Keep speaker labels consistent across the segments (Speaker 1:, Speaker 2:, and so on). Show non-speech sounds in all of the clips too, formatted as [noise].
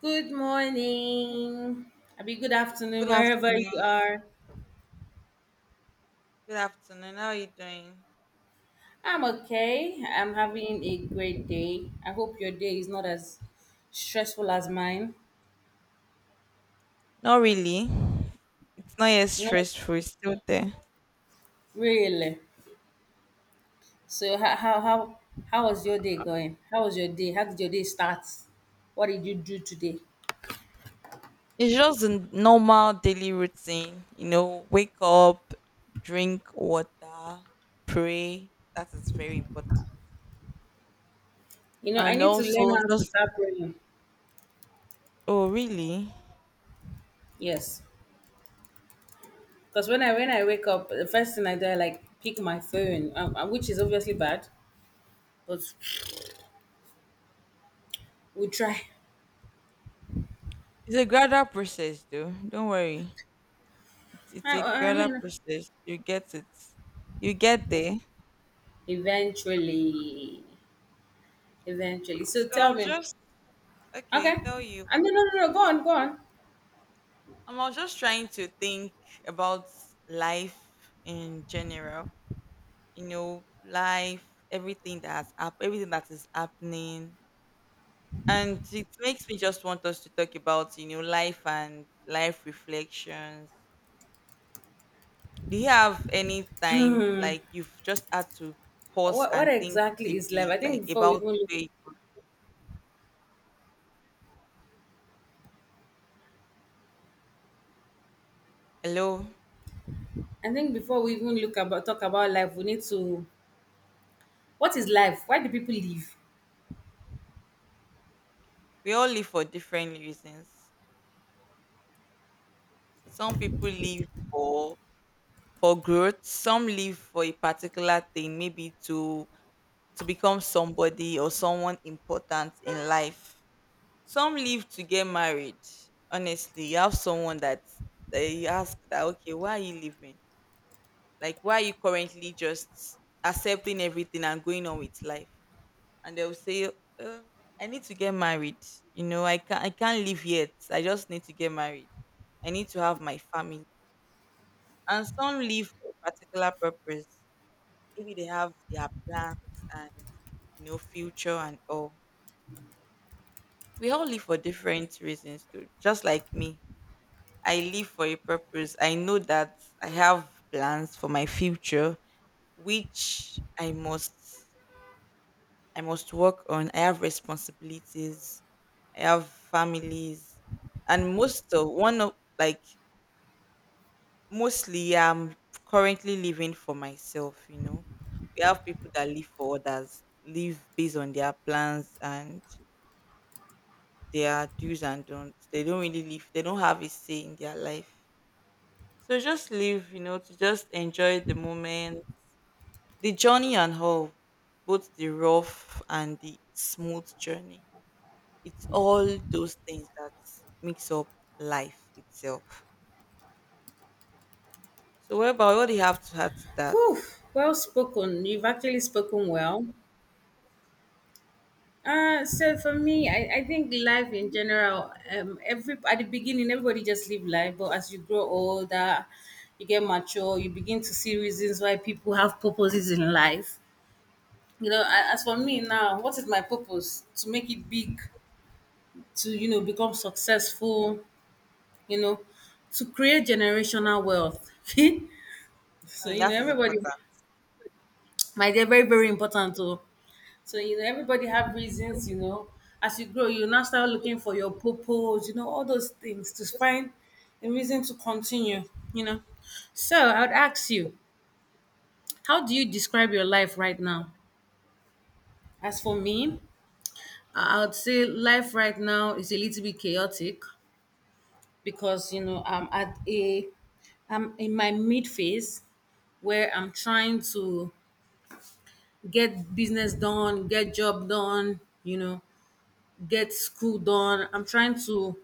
Speaker 1: Good morning. I'll Abi, good afternoon,
Speaker 2: Good
Speaker 1: wherever
Speaker 2: afternoon.
Speaker 1: you are.
Speaker 2: Good afternoon. How are you doing?
Speaker 1: I'm okay. I'm having a great day. I hope your day is not as stressful as mine.
Speaker 2: Not really. It's not yet
Speaker 1: No,
Speaker 2: stressful. It's still there.
Speaker 1: really. So, how was your day going? How was your day? How did your day start? What did you do today?
Speaker 2: It's just a normal daily routine. You know, wake up, drink water, pray. That is very important.
Speaker 1: I
Speaker 2: And
Speaker 1: need to learn
Speaker 2: also,
Speaker 1: how to
Speaker 2: just
Speaker 1: start praying.
Speaker 2: oh, really?
Speaker 1: Yes, because when I wake up, the first thing I do, I like pick my phone, which is obviously bad, but we try.
Speaker 2: It's a gradual process, though. Don't worry. It's a
Speaker 1: I
Speaker 2: gradual
Speaker 1: mean,
Speaker 2: process. You get it. You get there.
Speaker 1: eventually, eventually. So
Speaker 2: So
Speaker 1: tell
Speaker 2: I'm
Speaker 1: me,
Speaker 2: just okay.
Speaker 1: okay?
Speaker 2: Tell you.
Speaker 1: No, no, no, no. Go on, go on.
Speaker 2: I was just trying to think about life in general. You know, life, everything that everything that is happening, and it makes me just want us to talk about you know life and life reflections. Do you have any time like you've just had to pause
Speaker 1: What
Speaker 2: and think
Speaker 1: exactly is life?
Speaker 2: deeply, like about where you are? Hello,
Speaker 1: I think before we even look about talk about life, we need to. What is life? Why do people live?
Speaker 2: we all live for different reasons. Some people live for growth. Some live for a particular thing, maybe to become somebody or someone important in life. Some live to get married. Honestly, you have someone that they ask that, okay, why are you living? Like, why are you currently just accepting everything and going on with life? And they'll say, I need to get married. You know, I can't live yet. I just need to get married. I need to have my family. And some live for a particular purpose. Maybe they have their plans and you know future and all. We all live for different reasons too. Just like me, I live for a purpose. I know that I have plans for my future, which I must work on. I have responsibilities. I have families, and most of one of like mostly, I'm currently living for myself, you know. We have people that live for others, live based on their plans and their do's and don'ts. They don't really live, they don't have a say in their life. So just live, you know, to just enjoy the moment, the journey and all, both the rough and the smooth journey. It's all those things that makes up life itself. So what about what do you have to add to that?
Speaker 1: Whew, well spoken. You've actually spoken well. So for me, I think life in general, every at the beginning, everybody just live life, but as you grow older, you get mature, you begin to see reasons why people have purposes in life. As for me now, what is my purpose? To make it big, to become successful, you know to create generational wealth. [laughs] So,
Speaker 2: Mm,
Speaker 1: you know
Speaker 2: that is
Speaker 1: everybody
Speaker 2: important.
Speaker 1: my dear, very very important too. So, everybody have reasons. As you grow, you now start looking for your purpose, all those things, to find a reason to continue. So I would ask you, how do you describe your life right now? As for me, I would say life right now is a little bit chaotic, because you know I'm at a I'm in my mid phase where I'm trying to get business done, get job done, you know, get school done. I'm trying to,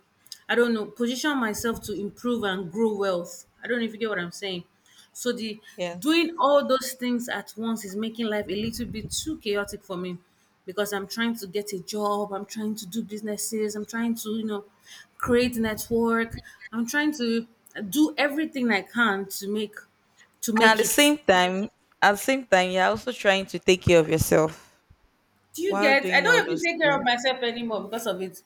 Speaker 1: I don't know, position myself to improve and grow wealth. I don't know if you get what I'm saying. So the
Speaker 2: Yeah.
Speaker 1: doing all those things at once is making life a little bit too chaotic for me, because I'm trying to get a job, I'm trying to do businesses, I'm trying to, you know, create network. I'm trying to do everything I can to make
Speaker 2: And at the
Speaker 1: it.
Speaker 2: same time, at the same time, you're also trying to take care of yourself
Speaker 1: Do you
Speaker 2: while
Speaker 1: get? I
Speaker 2: doing all
Speaker 1: don't even
Speaker 2: those
Speaker 1: take care of
Speaker 2: things.
Speaker 1: myself anymore because of it.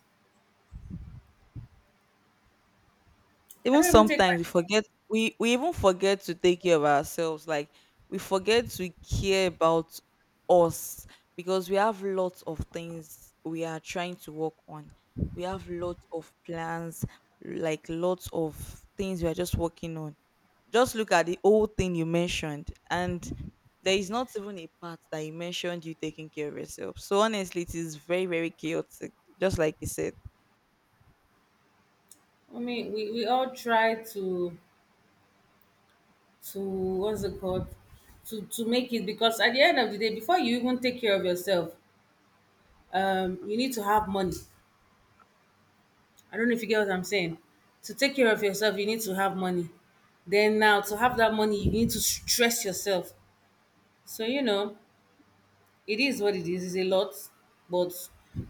Speaker 1: I
Speaker 2: Even
Speaker 1: don't even take
Speaker 2: sometimes we even forget to take care of ourselves. Like we forget to care about us because we have lots of things we are trying to work on. We have lots of plans, like lots of things we are just working on. Just look at the whole thing you mentioned and there is not even a part that you mentioned you taking care of yourself. So honestly, it is very, very chaotic, just like you said.
Speaker 1: I mean, we all try to what's it called, to make it, because at the end of the day, before you even take care of yourself, you need to have money. I don't know if you get what I'm saying. To take care of yourself, you need to have money. Then now to have that money, you need to stress yourself. So you know, it is what it is. It's a lot, but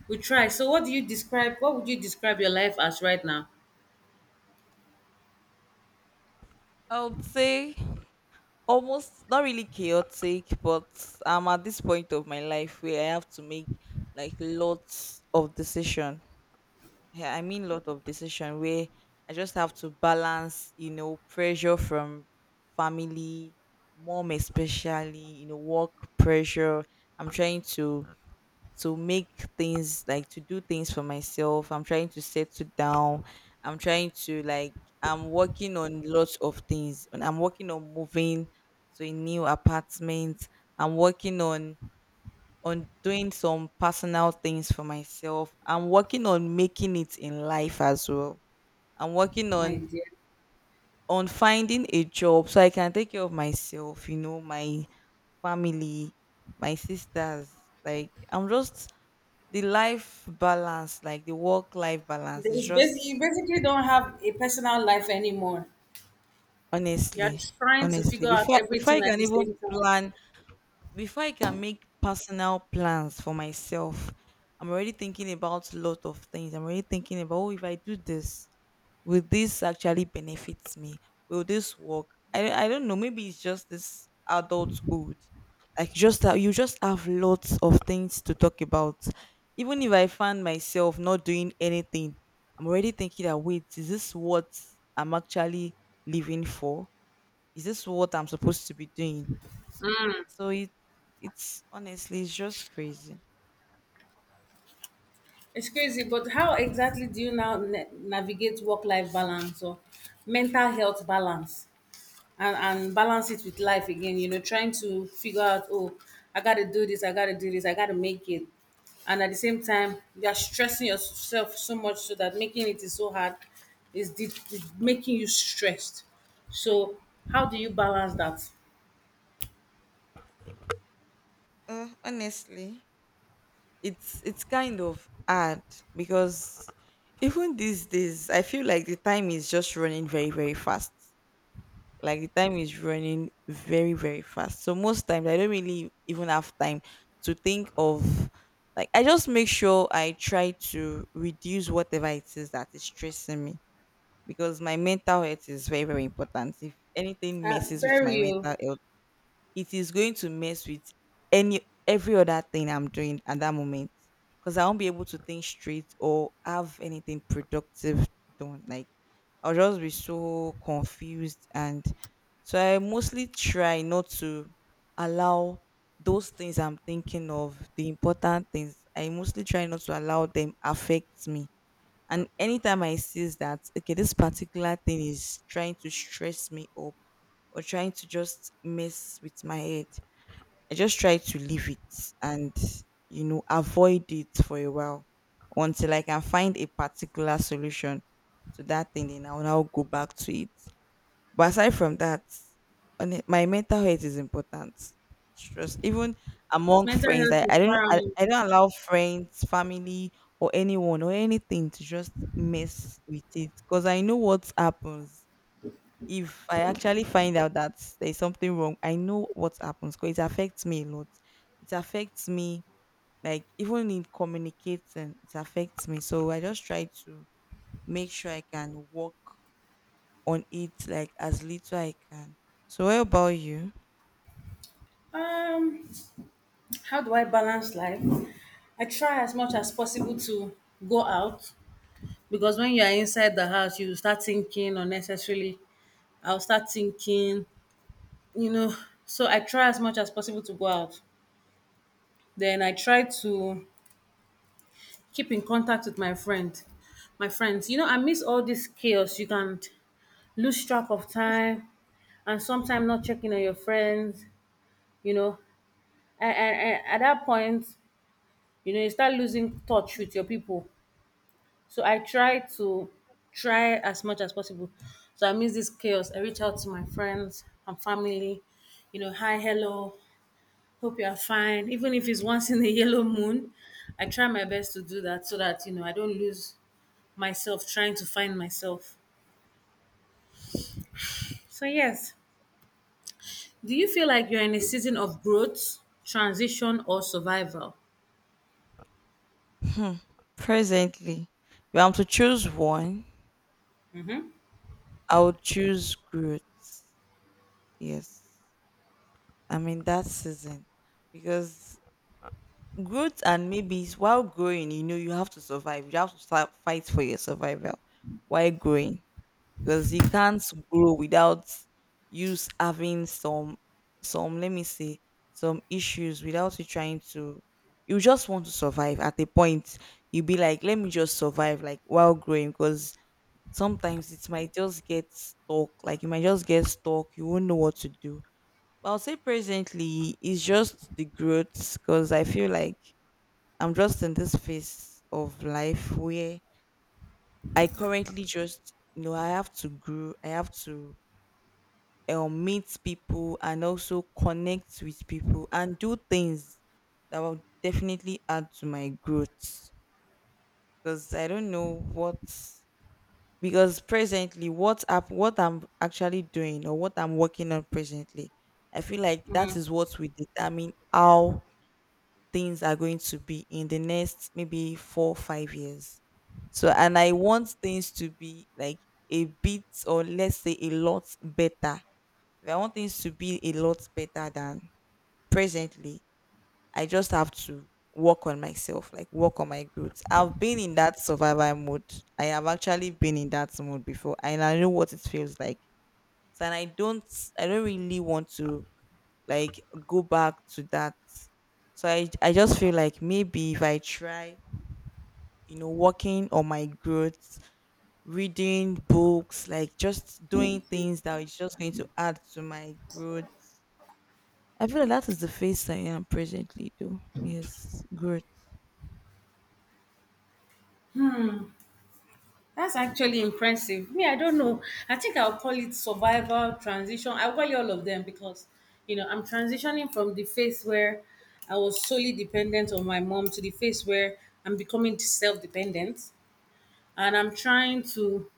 Speaker 1: we try. So what do you describe? What would you describe your life as right now,
Speaker 2: I would say almost not really chaotic, but I'm at this point of my life where I have to make like lots of decision. Yeah, I mean lot of decision where I just have to balance, you know, pressure from family, mom especially, you know, work pressure. I'm trying to make things like to do things for myself. I'm trying to settle down. I'm trying to like I'm working on lots of things. And I'm working on moving to a new apartment. I'm working on doing some personal things for myself. I'm working on making it in life as well. I'm working
Speaker 1: my
Speaker 2: on
Speaker 1: dear?
Speaker 2: finding a job so I can take care of myself, you know, my family, my sisters. Like I'm just the life balance, like the work life balance, is
Speaker 1: It's basically you
Speaker 2: just
Speaker 1: basically don't have a personal life anymore. You're
Speaker 2: honestly,
Speaker 1: trying to
Speaker 2: honestly
Speaker 1: figure out
Speaker 2: before before
Speaker 1: everything
Speaker 2: you
Speaker 1: at
Speaker 2: can
Speaker 1: the
Speaker 2: even
Speaker 1: same time.
Speaker 2: plan, before I can make personal plans for myself, I'm already thinking about a lot of things. I'm already thinking about, oh, if I do this, will this actually benefit me? Will this work? I don't know. Maybe it's just this adulthood. Like just that you just have lots of things to talk about. Even if I find myself not doing anything, I'm already thinking that wait, is this what I'm actually living for? Is this what I'm supposed to be doing? So it's honestly it's just crazy.
Speaker 1: It's crazy, but how exactly do you now navigate work life balance or mental health balance, and balance it with life again? You know, trying to figure out, oh, I got to do this, I got to do this, I got to make it. And at the same time, you're stressing yourself so much so that making it is so hard, is making you stressed. So, how do you balance that?
Speaker 2: Honestly. It's kind of hard because even these days I feel like the time is just running very very fast. Like the time is running very very fast. So most times I don't really even have time to think of like I just make sure I try to reduce whatever it is that is stressing me because my mental health is very very important. If anything
Speaker 1: Uh,
Speaker 2: messes with my
Speaker 1: very,
Speaker 2: mental health it is going to mess with any every other thing I'm doing at that moment because I won't be able to think straight or have anything productive done. Like I'll just be so confused, and so I mostly try not to allow those things I'm thinking of, the important things. I mostly try not to allow them affect me. And anytime I sees that, okay, this particular thing is trying to stress me up or trying to just mess with my head, I just try to leave it and you know avoid it for a while until I can find a particular solution to that thing. Then I'll now go back to it. But aside from that, on it, my mental health is important. Stress, even among
Speaker 1: mental
Speaker 2: friends,
Speaker 1: health
Speaker 2: I,
Speaker 1: is
Speaker 2: I don't I,
Speaker 1: paramount.
Speaker 2: I don't allow friends, family, or anyone or anything to just mess with it because I know what happens if I actually find out that there's something wrong, I know what happens because it affects me a lot. It affects me, like, even in communicating, it affects me. So I just try to make sure I can work on it, like, as little I can. So, what about you?
Speaker 1: Um, How do I balance life? I try as much as possible to go out, because when you are inside the house, you start thinking unnecessarily. I'll start thinking, you know. So I try as much as possible to go out. Then I try to keep in contact with my friends. You know, I miss all this chaos. You can lose track of time, and sometimes not checking on your friends, you know, and at that point, you know, you start losing touch with your people. So I try to, try as much as possible. So I miss this chaos. I reach out to my friends and family, you know, hi, hello, hope you are fine. Even if it's once in a [laughs] yellow moon, I try my best to do that so that, you know, I don't lose myself trying to find myself. So, yes, do you feel like you're in a season of growth, transition, or survival?
Speaker 2: Hmm. Presently, if I'm to choose one, I would choose growth. Yes. I mean, that season because growth and maybe it's while growing, you know, you have to survive. You have to start fight for your survival while growing because you can't grow without having some let me say some issues without you trying to. You just want to survive. At a point, you be like, let me just survive, like while growing, because sometimes it might just get stuck. Like you might just get stuck. You won't know what to do. But I'll say presently, it's just the growth, because I feel like I'm just in this phase of life where I currently just, you know, I have to grow, I have to meet people and also connect with people and do things that will definitely add to my growth. Because I don't know what, because presently, what, up, what I'm actually doing or what I'm working on presently, I feel like that is what will determine how things are going to be in the next maybe 4-5 years. So and I want things to be like a bit or let's say a lot better. If I want things to be a lot better than presently I just have to work on myself like work on my growth. I've been in that survival mode, I have actually been in that mode before and I know what it feels like. So and I don't really want to like go back to that. So I just feel like maybe if I try, you know, working on my growth, reading books, like just doing things that is just going to add to my growth. I feel like that is the phase I am presently though. Yes, growth.
Speaker 1: That's actually impressive. Me, I don't know. I think I'll call it survival transition. I'll call it all of them, because, you know, I'm transitioning from the phase where I was solely dependent on my mom to the phase where I'm becoming self-dependent, and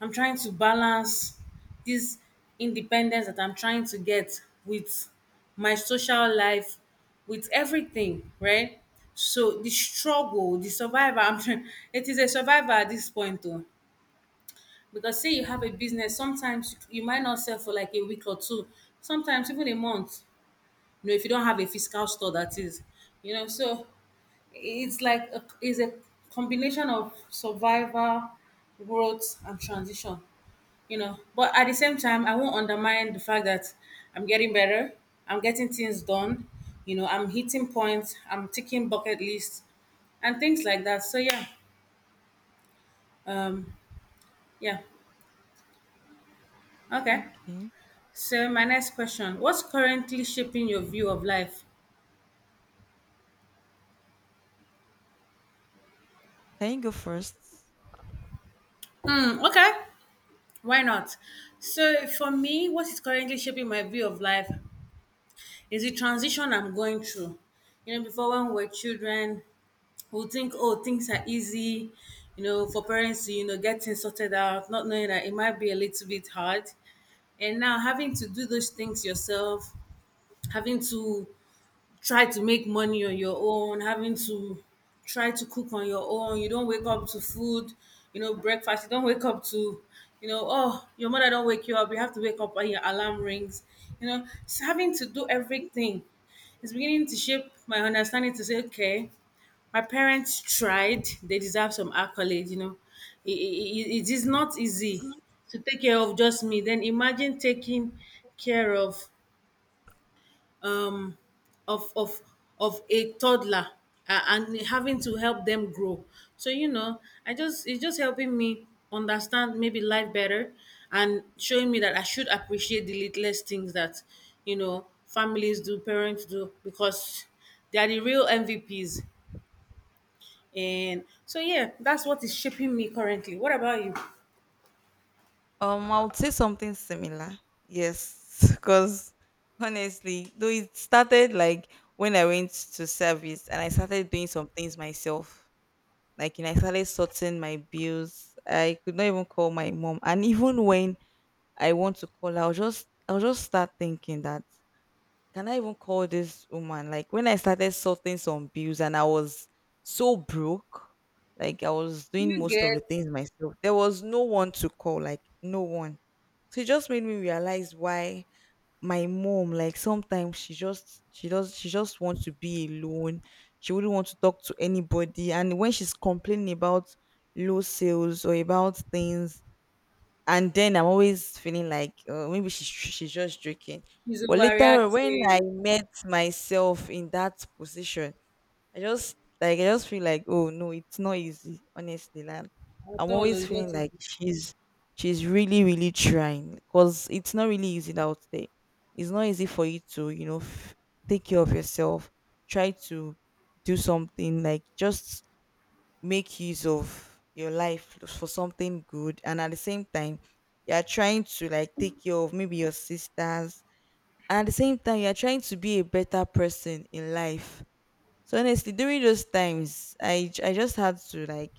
Speaker 1: I'm trying to balance this independence that I'm trying to get with my social life, with everything, right? So the struggle, the survivor, I'm [laughs] trying, it is a survivor at this point, though. Because say you have a business, sometimes you might not sell for like a week or two, sometimes even a month. You know, if you don't have a physical store, that is, you know. So it's like a, it's a combination of survival, growth, and transition. You know, but at the same time, I won't undermine the fact that I'm getting better. I'm getting things done. You know, I'm hitting points. I'm ticking bucket lists and things like that. So yeah, um, yeah, okay.
Speaker 2: Okay.
Speaker 1: So my next question, what's currently shaping your view of life?
Speaker 2: Can you go first?
Speaker 1: Hmm, okay, why not? So for me, what is currently shaping my view of life is the transition I'm going through. You know, before when we were children, who think oh things are easy, you know, for parents to, you know, get things sorted out, not knowing that it might be a little bit hard, and now having to do those things yourself, having to try to make money on your own, having to try to cook on your own. You don't wake up to food, you know, breakfast. You don't wake up to, you know, oh, your mother don't wake you up. You have to wake up when your alarm rings. You know, it's having to do everything. It's beginning to shape my understanding to say, okay, my parents tried. They deserve some accolade. You know, it is not easy to take care of just me. Then imagine taking care of um, of of a toddler, and having to help them grow. So you know, I just it's just helping me understand maybe life better, and showing me that I should appreciate the littlest things that, you know, families do, parents do, because they are the real MVPs. And so yeah, that's what is shaping me currently. What about you? Do
Speaker 2: I would say something similar. Yes, [laughs] because honestly, though it started like when I went to service and I started doing some things myself. Like, you know, I started sorting my bills. I could not even call my mom. And [laughs] even when I want to call her, I'll just start thinking that can I even call this woman? Like when I started sorting some bills and I was so broke, like I was doing
Speaker 1: you
Speaker 2: most of the
Speaker 1: get,
Speaker 2: things myself. There was no one to call, like no one. So it just made me realize why my mom like sometimes she just she does she just wants to be alone, she wouldn't want to talk to anybody and when she's complaining about low sales or about things and then I'm always feeling like maybe she's just joking
Speaker 1: he's
Speaker 2: but later on, when I
Speaker 1: overreacting?
Speaker 2: met myself in that position I just like I just feel like oh no, it's not easy. Honestly, like I'm
Speaker 1: Atolo
Speaker 2: always
Speaker 1: is
Speaker 2: feeling
Speaker 1: not
Speaker 2: like
Speaker 1: easy.
Speaker 2: she's really really trying because it's not really easy out there. It's not easy for you to take care of yourself, try to do something like just make use of your life for something good, and at the same time you are trying to like take care of maybe your sisters, and at the same time you are trying to be a better person in life. So honestly, during those times, I just had to like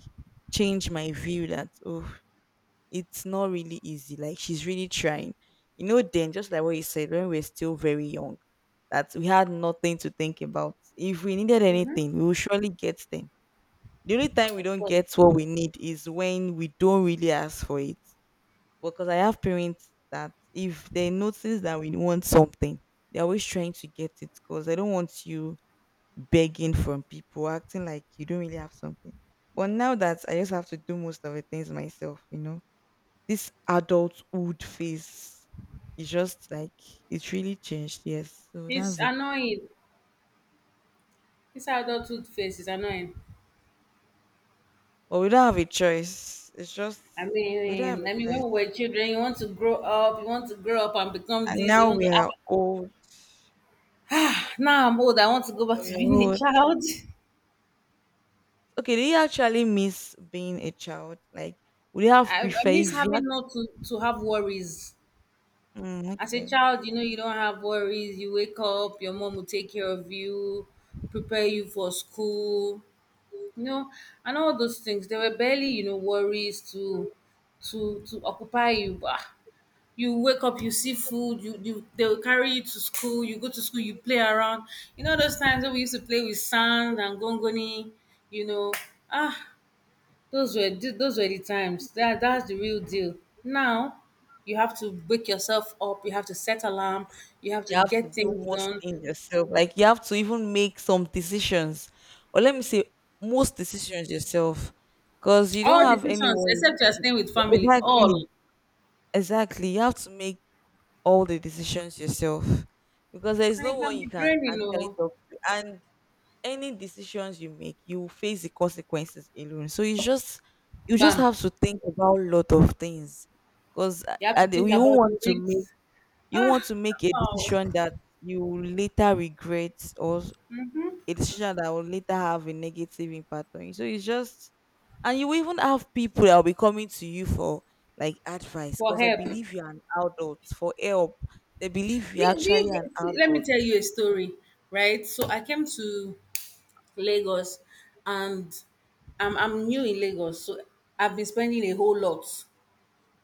Speaker 2: change my view that oh, it's not really easy. Like she's really trying. You know, then just like what you said, when we are still very young, that we had nothing to think about. If we needed anything, we will surely get them. The only time we
Speaker 1: Of
Speaker 2: don't
Speaker 1: course.
Speaker 2: get what we need is when we don't really ask for it. Because I have parents that if they notice that we want something, they're always trying to get it because they don't want you begging from people, acting like you don't really have something. But now that I just have to do most of the things myself, this adulthood phase is just like it's really changed. Yes, so
Speaker 1: It's
Speaker 2: that's it.
Speaker 1: annoying. This adulthood phase is annoying.
Speaker 2: But we don't have a choice. It's just we don't have
Speaker 1: I
Speaker 2: a
Speaker 1: mean, when we
Speaker 2: choice.
Speaker 1: were children, you want to grow up, you want to grow up and become
Speaker 2: And
Speaker 1: this. You
Speaker 2: now
Speaker 1: want
Speaker 2: we
Speaker 1: to. Ah,
Speaker 2: are old.
Speaker 1: now I'm old. I want to go back
Speaker 2: We
Speaker 1: to
Speaker 2: are
Speaker 1: being a
Speaker 2: old.
Speaker 1: child.
Speaker 2: Okay, do you actually miss being a child? Like, would you
Speaker 1: [laughs]
Speaker 2: have
Speaker 1: I
Speaker 2: preferred
Speaker 1: miss
Speaker 2: if you
Speaker 1: having
Speaker 2: had?
Speaker 1: not to, to have worries.
Speaker 2: Mm,
Speaker 1: As a
Speaker 2: okay.
Speaker 1: child, you know, you don't have worries. You wake up, your mom will take care of you, prepare you for school, you know, and all those things. There were barely, you know, worries to occupy you. Ah, you wake up, you see food, you they'll carry you to school, you go to school, you play around. You know those times when we used to play with sand and gongoni, you know. Ah, those were the times. That's the real deal. Now you have to wake yourself up, you have to set alarm, you have to
Speaker 2: You have to
Speaker 1: get
Speaker 2: do
Speaker 1: things
Speaker 2: most
Speaker 1: done.
Speaker 2: things yourself. Like you have to even make some decisions, or let me say, most decisions yourself, because you
Speaker 1: All
Speaker 2: don't have
Speaker 1: decisions,
Speaker 2: anyone.
Speaker 1: except you're staying with family,
Speaker 2: Exactly,
Speaker 1: all.
Speaker 2: exactly. You have to make all the decisions yourself, because there is
Speaker 1: And
Speaker 2: no
Speaker 1: it can
Speaker 2: one
Speaker 1: be
Speaker 2: you can
Speaker 1: draining,
Speaker 2: actually
Speaker 1: oh.
Speaker 2: talk to, and any decisions you make, you will face the consequences alone. So you just
Speaker 1: Bam.
Speaker 2: have to think about a lot of things, because
Speaker 1: You have to
Speaker 2: and
Speaker 1: think
Speaker 2: you won't
Speaker 1: about
Speaker 2: want
Speaker 1: the
Speaker 2: to make
Speaker 1: risks.
Speaker 2: you want
Speaker 1: Ah,
Speaker 2: to make a
Speaker 1: wow.
Speaker 2: decision that you will later regret a decision that will later have a negative impact on you. So it's just, and you will even have people that will be coming to you for like advice
Speaker 1: For
Speaker 2: because they
Speaker 1: help.
Speaker 2: believe you're an adult for help. They believe you're
Speaker 1: You, do
Speaker 2: actually
Speaker 1: you
Speaker 2: an
Speaker 1: get, see, let me
Speaker 2: adult.
Speaker 1: tell you a story, right? So I came to Lagos, and I'm new in Lagos, so I've been spending a whole lot,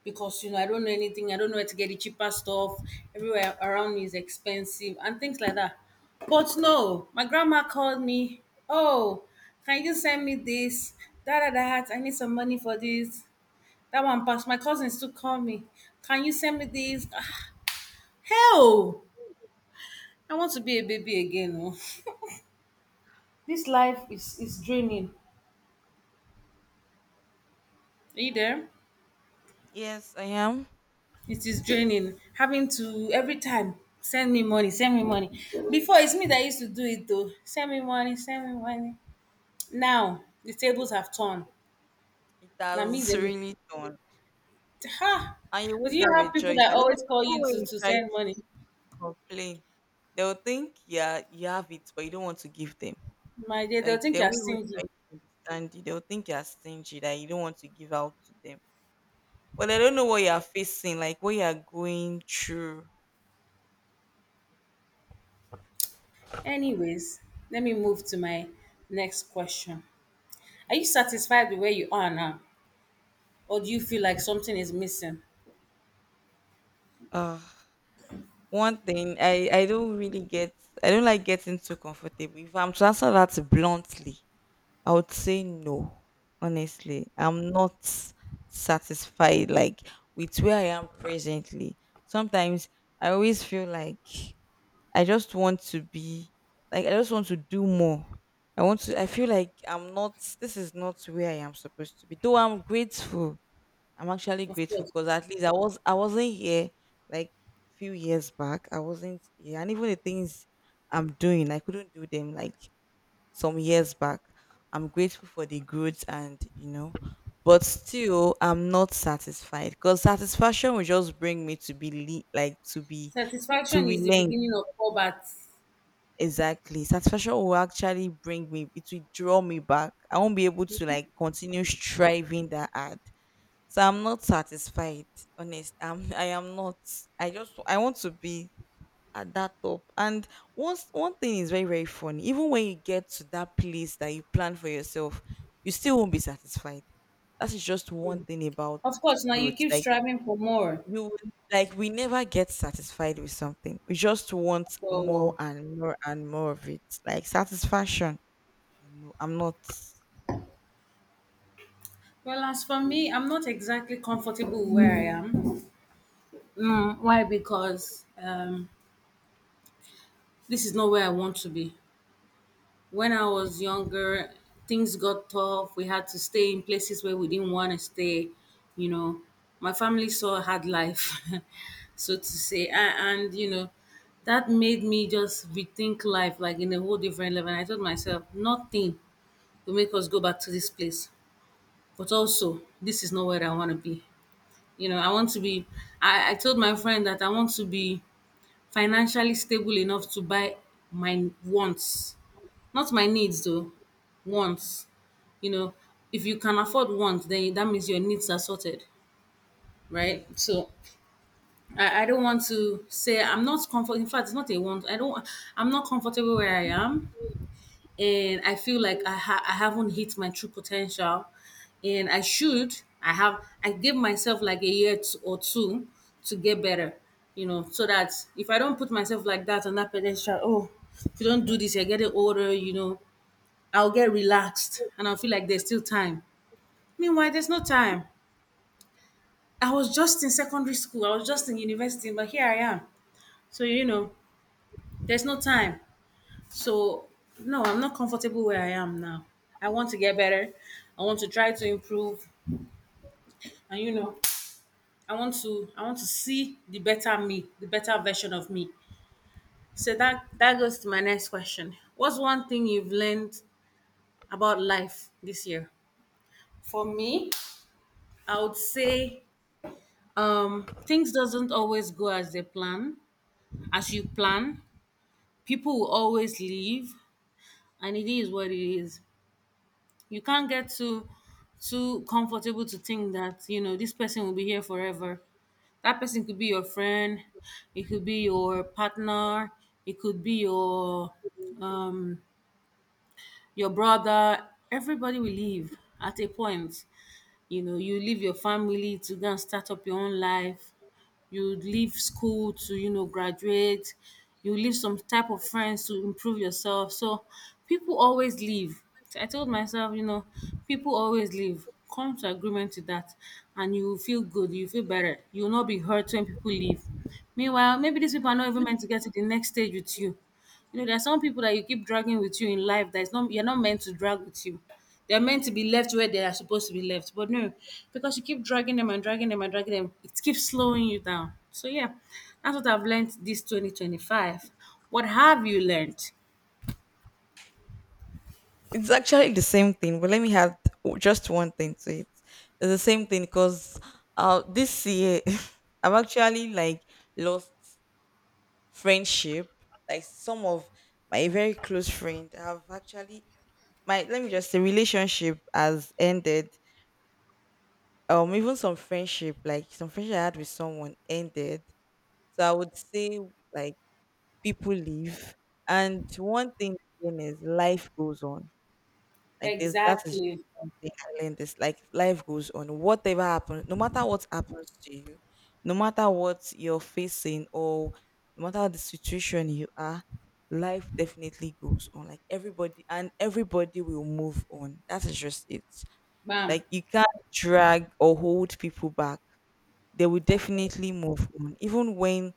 Speaker 1: because you know I don't know anything. I don't know where to get the cheaper stuff. Everywhere around me is expensive and things like that. But no, my grandma called me. Oh, can you send me this? Da da da. I need some money for this. That one passed. My cousins still call me. Can you send me this? Ah, hell! I want to be a baby again. Oh. This life is draining. Are you there?
Speaker 2: Yes, I am.
Speaker 1: It is draining. Having to every time send me money, send me money. Before it's me that used to do it though. Send me money, send me money. Now the tables have turned.
Speaker 2: It
Speaker 1: Now me
Speaker 2: has
Speaker 1: then
Speaker 2: really done.
Speaker 1: ha.
Speaker 2: And you
Speaker 1: But
Speaker 2: won't
Speaker 1: you
Speaker 2: have a
Speaker 1: have people
Speaker 2: choice.
Speaker 1: that
Speaker 2: And even,
Speaker 1: always call
Speaker 2: even
Speaker 1: you
Speaker 2: when you
Speaker 1: to
Speaker 2: try
Speaker 1: send
Speaker 2: to
Speaker 1: money.
Speaker 2: complain, they'll think yeah you have it, but you don't want to give them.
Speaker 1: My dear, they'll
Speaker 2: Like
Speaker 1: think
Speaker 2: they
Speaker 1: you're
Speaker 2: won't even try
Speaker 1: stingy.
Speaker 2: to understand you. They'll think you're stingy that you don't want to give out to them. But they don't know what you are facing, like what you are going through.
Speaker 1: Anyways, let me move to my next question. Are you satisfied with where you are now? Or do you feel like something is missing?
Speaker 2: Uh One thing I don't really get. I don't like getting too comfortable. If I'm to answer that bluntly, I would say no. Honestly. I'm not satisfied like with where I am presently. Sometimes I always feel like I just want to be like I just want to do more. I want to I feel like I'm not this is not where I am supposed to be. Though I'm grateful. I'm actually
Speaker 1: Of
Speaker 2: grateful
Speaker 1: course.
Speaker 2: because at least I wasn't here like few years back. I wasn't here. And even the things I'm doing, I couldn't do them like some years back. I'm grateful for the growth and you know, but still I'm not satisfied because satisfaction will just bring me to be like to be to
Speaker 1: Satisfaction is the
Speaker 2: relent.
Speaker 1: beginning of combat.
Speaker 2: Exactly. Satisfaction will actually bring me, it will draw me back. I won't be able to like continue striving that hard. So I'm not satisfied. Honest. I'm [laughs] I am not. I want to be at that top. And once one thing is very, very funny. Even when you get to that place that you plan for yourself, you still won't be satisfied. That is just one thing about
Speaker 1: Of course, now you
Speaker 2: growth.
Speaker 1: keep
Speaker 2: Like
Speaker 1: striving for more.
Speaker 2: you would like we never get satisfied with something. We just want more
Speaker 1: So,
Speaker 2: and more and more of it. Like satisfaction. No, I'm not.
Speaker 1: well, as for me, I'm not exactly comfortable where I am. Mm, why? Because this is not where I want to be. When I was younger, things got tough. We had to stay in places where we didn't want to stay. You know, my family saw a hard life, [laughs] so to say. And you know, that made me just rethink life like in a whole different level. And I told myself, nothing will make us go back to this place. But also, this is not where I want to be. You know, I want to be, I told my friend that I want to be financially stable enough to buy my wants, not my needs though, wants. You know, if you can afford wants, then that means your needs are sorted, right?
Speaker 2: Yes.
Speaker 1: So I don't want to say I'm not comfortable. In fact, it's not a want. I don't, I'm not comfortable where I am, and I feel like I haven't hit my true potential, and I should. I have. I give myself like or two to get better, you know, so that if I don't put myself like that on that potential, oh, if you don't do this, you're getting older, you know, I'll get relaxed and I'll feel like there's still time. Meanwhile, there's no time. I was just in secondary school. I was just in university, but here I am. So you know, there's no time. So, no, I'm not comfortable where I am now. I want to get better. I want to try to improve. And you know, I want to see the better me, the better version of me. So that that goes to my next question. What's one thing you've learned about life this year? For me, I would say things doesn't always go as they plan, as you plan. People will always leave and it is what it is. You can't get too comfortable to think that you know this person will be here forever. That person could be your friend, it could be your partner, it could be um your brother. Everybody will leave at a point. You know, you leave your family to go and start up your own life, you leave school to, you know, graduate, you leave some type of friends to improve yourself. So people always leave. So I told myself, you know, people always leave. Come to agreement to that and you will feel good, you feel better, you will not be hurt when people leave. Meanwhile, maybe these people are not even meant to get to the next stage with you. You know, there are some people that you keep dragging with you in life that is not, you're not meant to drag with you. They're meant to be left where they are supposed to be left. But no, because you keep dragging them and dragging them and dragging them, it keeps slowing you down. So yeah, that's what I've learned this 2025. What have you learned?
Speaker 2: It's actually the same thing, but let me add just one thing to it. It's the same thing because this year [laughs] I've actually like lost friendship. Like some of my very close friend have actually my let me just say relationship has ended. Even some friendship, like some friendship I had with someone ended. So I would say like people leave, and one thing again is life goes on, like this, that is
Speaker 1: Exactly.
Speaker 2: one thing I learned, is like life goes on whatever happens, no matter what happens to you, no matter what you're facing, or no matter the situation you are, life definitely goes on. Like everybody and everybody will move on, that is just it.
Speaker 1: Bam.
Speaker 2: Like you can't drag or hold people back, they will definitely move on. Even when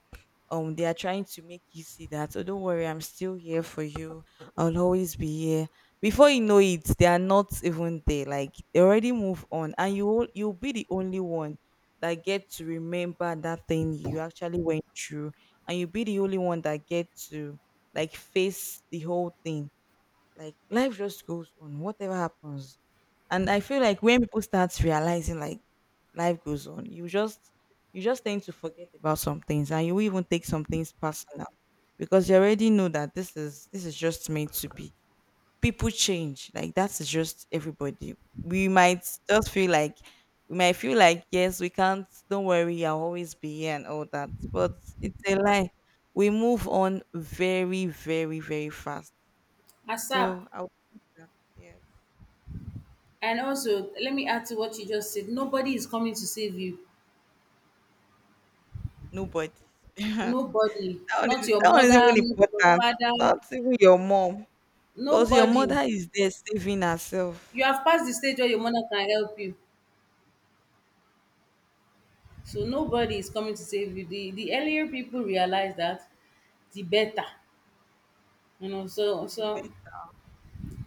Speaker 2: they are trying to make you see that oh don't worry I'm still here for you, I'll always be here, before you know it they are not even there. Like they already move on, and you'll be the only one that get to remember that thing you actually went through, and you'll be the only one that get to like face the whole thing. Like life just goes on, whatever happens. And I feel like when people start realizing like life goes on, you just tend to forget about some things, and you even take some things personal because you already know that this is just meant to be. People change. Like that is just everybody. We might just feel like yes, we can't, don't worry, I'll always be here and all that. But it's a lie. We move on very, very, very fast.
Speaker 1: ASAP.
Speaker 2: So I would say that yes,
Speaker 1: And also, let me add to what you just said. Nobody is coming to save you.
Speaker 2: nobody. [laughs] that
Speaker 1: Nobody. Not your
Speaker 2: that one is
Speaker 1: mother,
Speaker 2: even
Speaker 1: not your
Speaker 2: important.
Speaker 1: father.
Speaker 2: Not even your mom, because your
Speaker 1: Nobody.
Speaker 2: mother is there saving
Speaker 1: You
Speaker 2: herself.
Speaker 1: have passed the stage where your mother can help you. So nobody is coming to save you. The earlier people realize that, the better. You know, so
Speaker 2: The
Speaker 1: so
Speaker 2: best.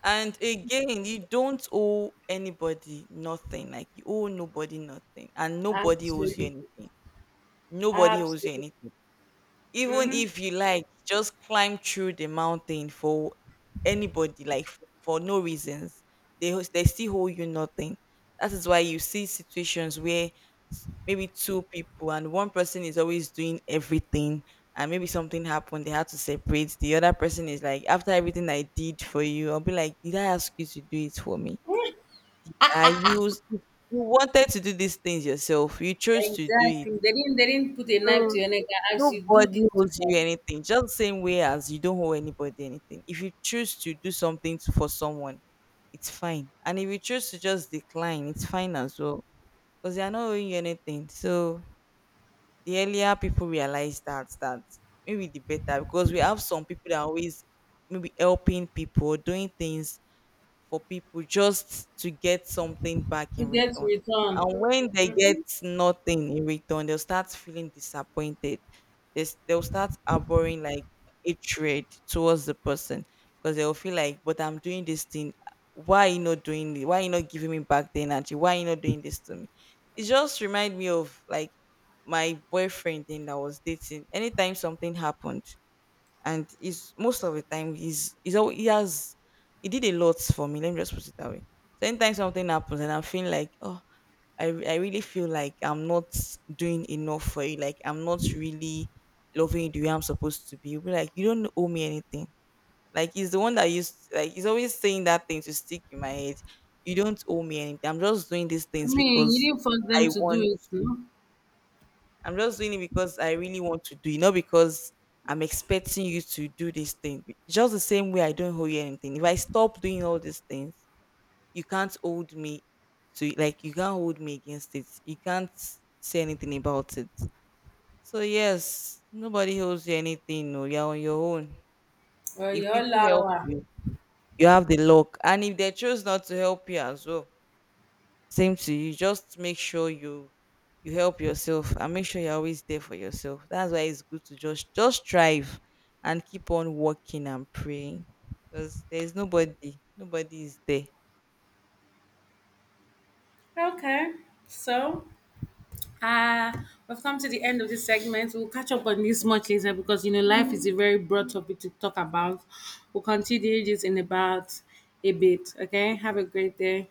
Speaker 2: And again, you don't owe anybody nothing. Like you owe nobody nothing, and nobody owes you
Speaker 1: absolutely.
Speaker 2: anything. Nobody owes you
Speaker 1: Absolutely.
Speaker 2: anything. Even
Speaker 1: Mm-hmm.
Speaker 2: if you like, just climb through the mountain for anybody, like for no reasons. They still hold you nothing. That is why you see situations where maybe two people, and one person is always doing everything, and maybe something happened. They had to separate. The other person is like, after everything I did for you, I'll be like, did I ask you to do it for me? I used you wanted to do these things yourself. You chose to do it.
Speaker 1: Exactly. They didn't put a knife
Speaker 2: So
Speaker 1: to your neck and ask you do this,
Speaker 2: nobody
Speaker 1: do
Speaker 2: owes you
Speaker 1: that
Speaker 2: anything. Just the same way as you don't owe anybody anything. If you choose to do something for someone, it's fine. And if you choose to just decline, it's fine as well. Because they are not owing you anything. So the earlier people realize that that maybe the better, because we have some people that are always maybe helping people, doing things for people just to get something back
Speaker 1: to
Speaker 2: in
Speaker 1: get
Speaker 2: return.
Speaker 1: return.
Speaker 2: And when they get nothing in return, they'll start feeling disappointed. They'll start harboring like hatred towards the person, because they'll feel like, but I'm doing this thing. Why are you not doing it? Why are you not giving me back the energy? Why are you not doing this to me? It just remind me of like my boyfriend thing that I was dating. Anytime something happened, and he's most of the time he has he did a lot for me. Let me just put it that way. So anytime something happens and I'm feeling like oh I really feel like I'm not doing enough for you, like I'm not really loving you the way I'm supposed to be. You'll be like you don't owe me anything. Like he's the one that used like he's always saying that thing to stick in my head. You don't owe me anything. I'm just doing these
Speaker 1: I
Speaker 2: things
Speaker 1: mean, you
Speaker 2: because
Speaker 1: didn't force them
Speaker 2: I
Speaker 1: to do
Speaker 2: want.
Speaker 1: it, no?
Speaker 2: I'm just doing it because I really want to do it, not because I'm expecting you to do this thing. Just the same way I don't owe you anything. If I stop doing all these things, you can't hold me to like you can't hold me against it. You can't say anything about it. So yes, nobody owes you anything. No, you're on your own.
Speaker 1: Well,
Speaker 2: If
Speaker 1: your
Speaker 2: people help
Speaker 1: law.
Speaker 2: you, you have the luck, and if they choose not to help you as well, same to you. Just make sure you help yourself, and make sure you're always there for yourself. That's why it's good to just strive and keep on working and praying. Because there's nobody, nobody is there.
Speaker 1: Okay. So uh, we've come to the end of this segment. We'll catch up on this much later because you know life is a very broad topic to talk about. We'll continue this in about a bit. Okay, have a great day.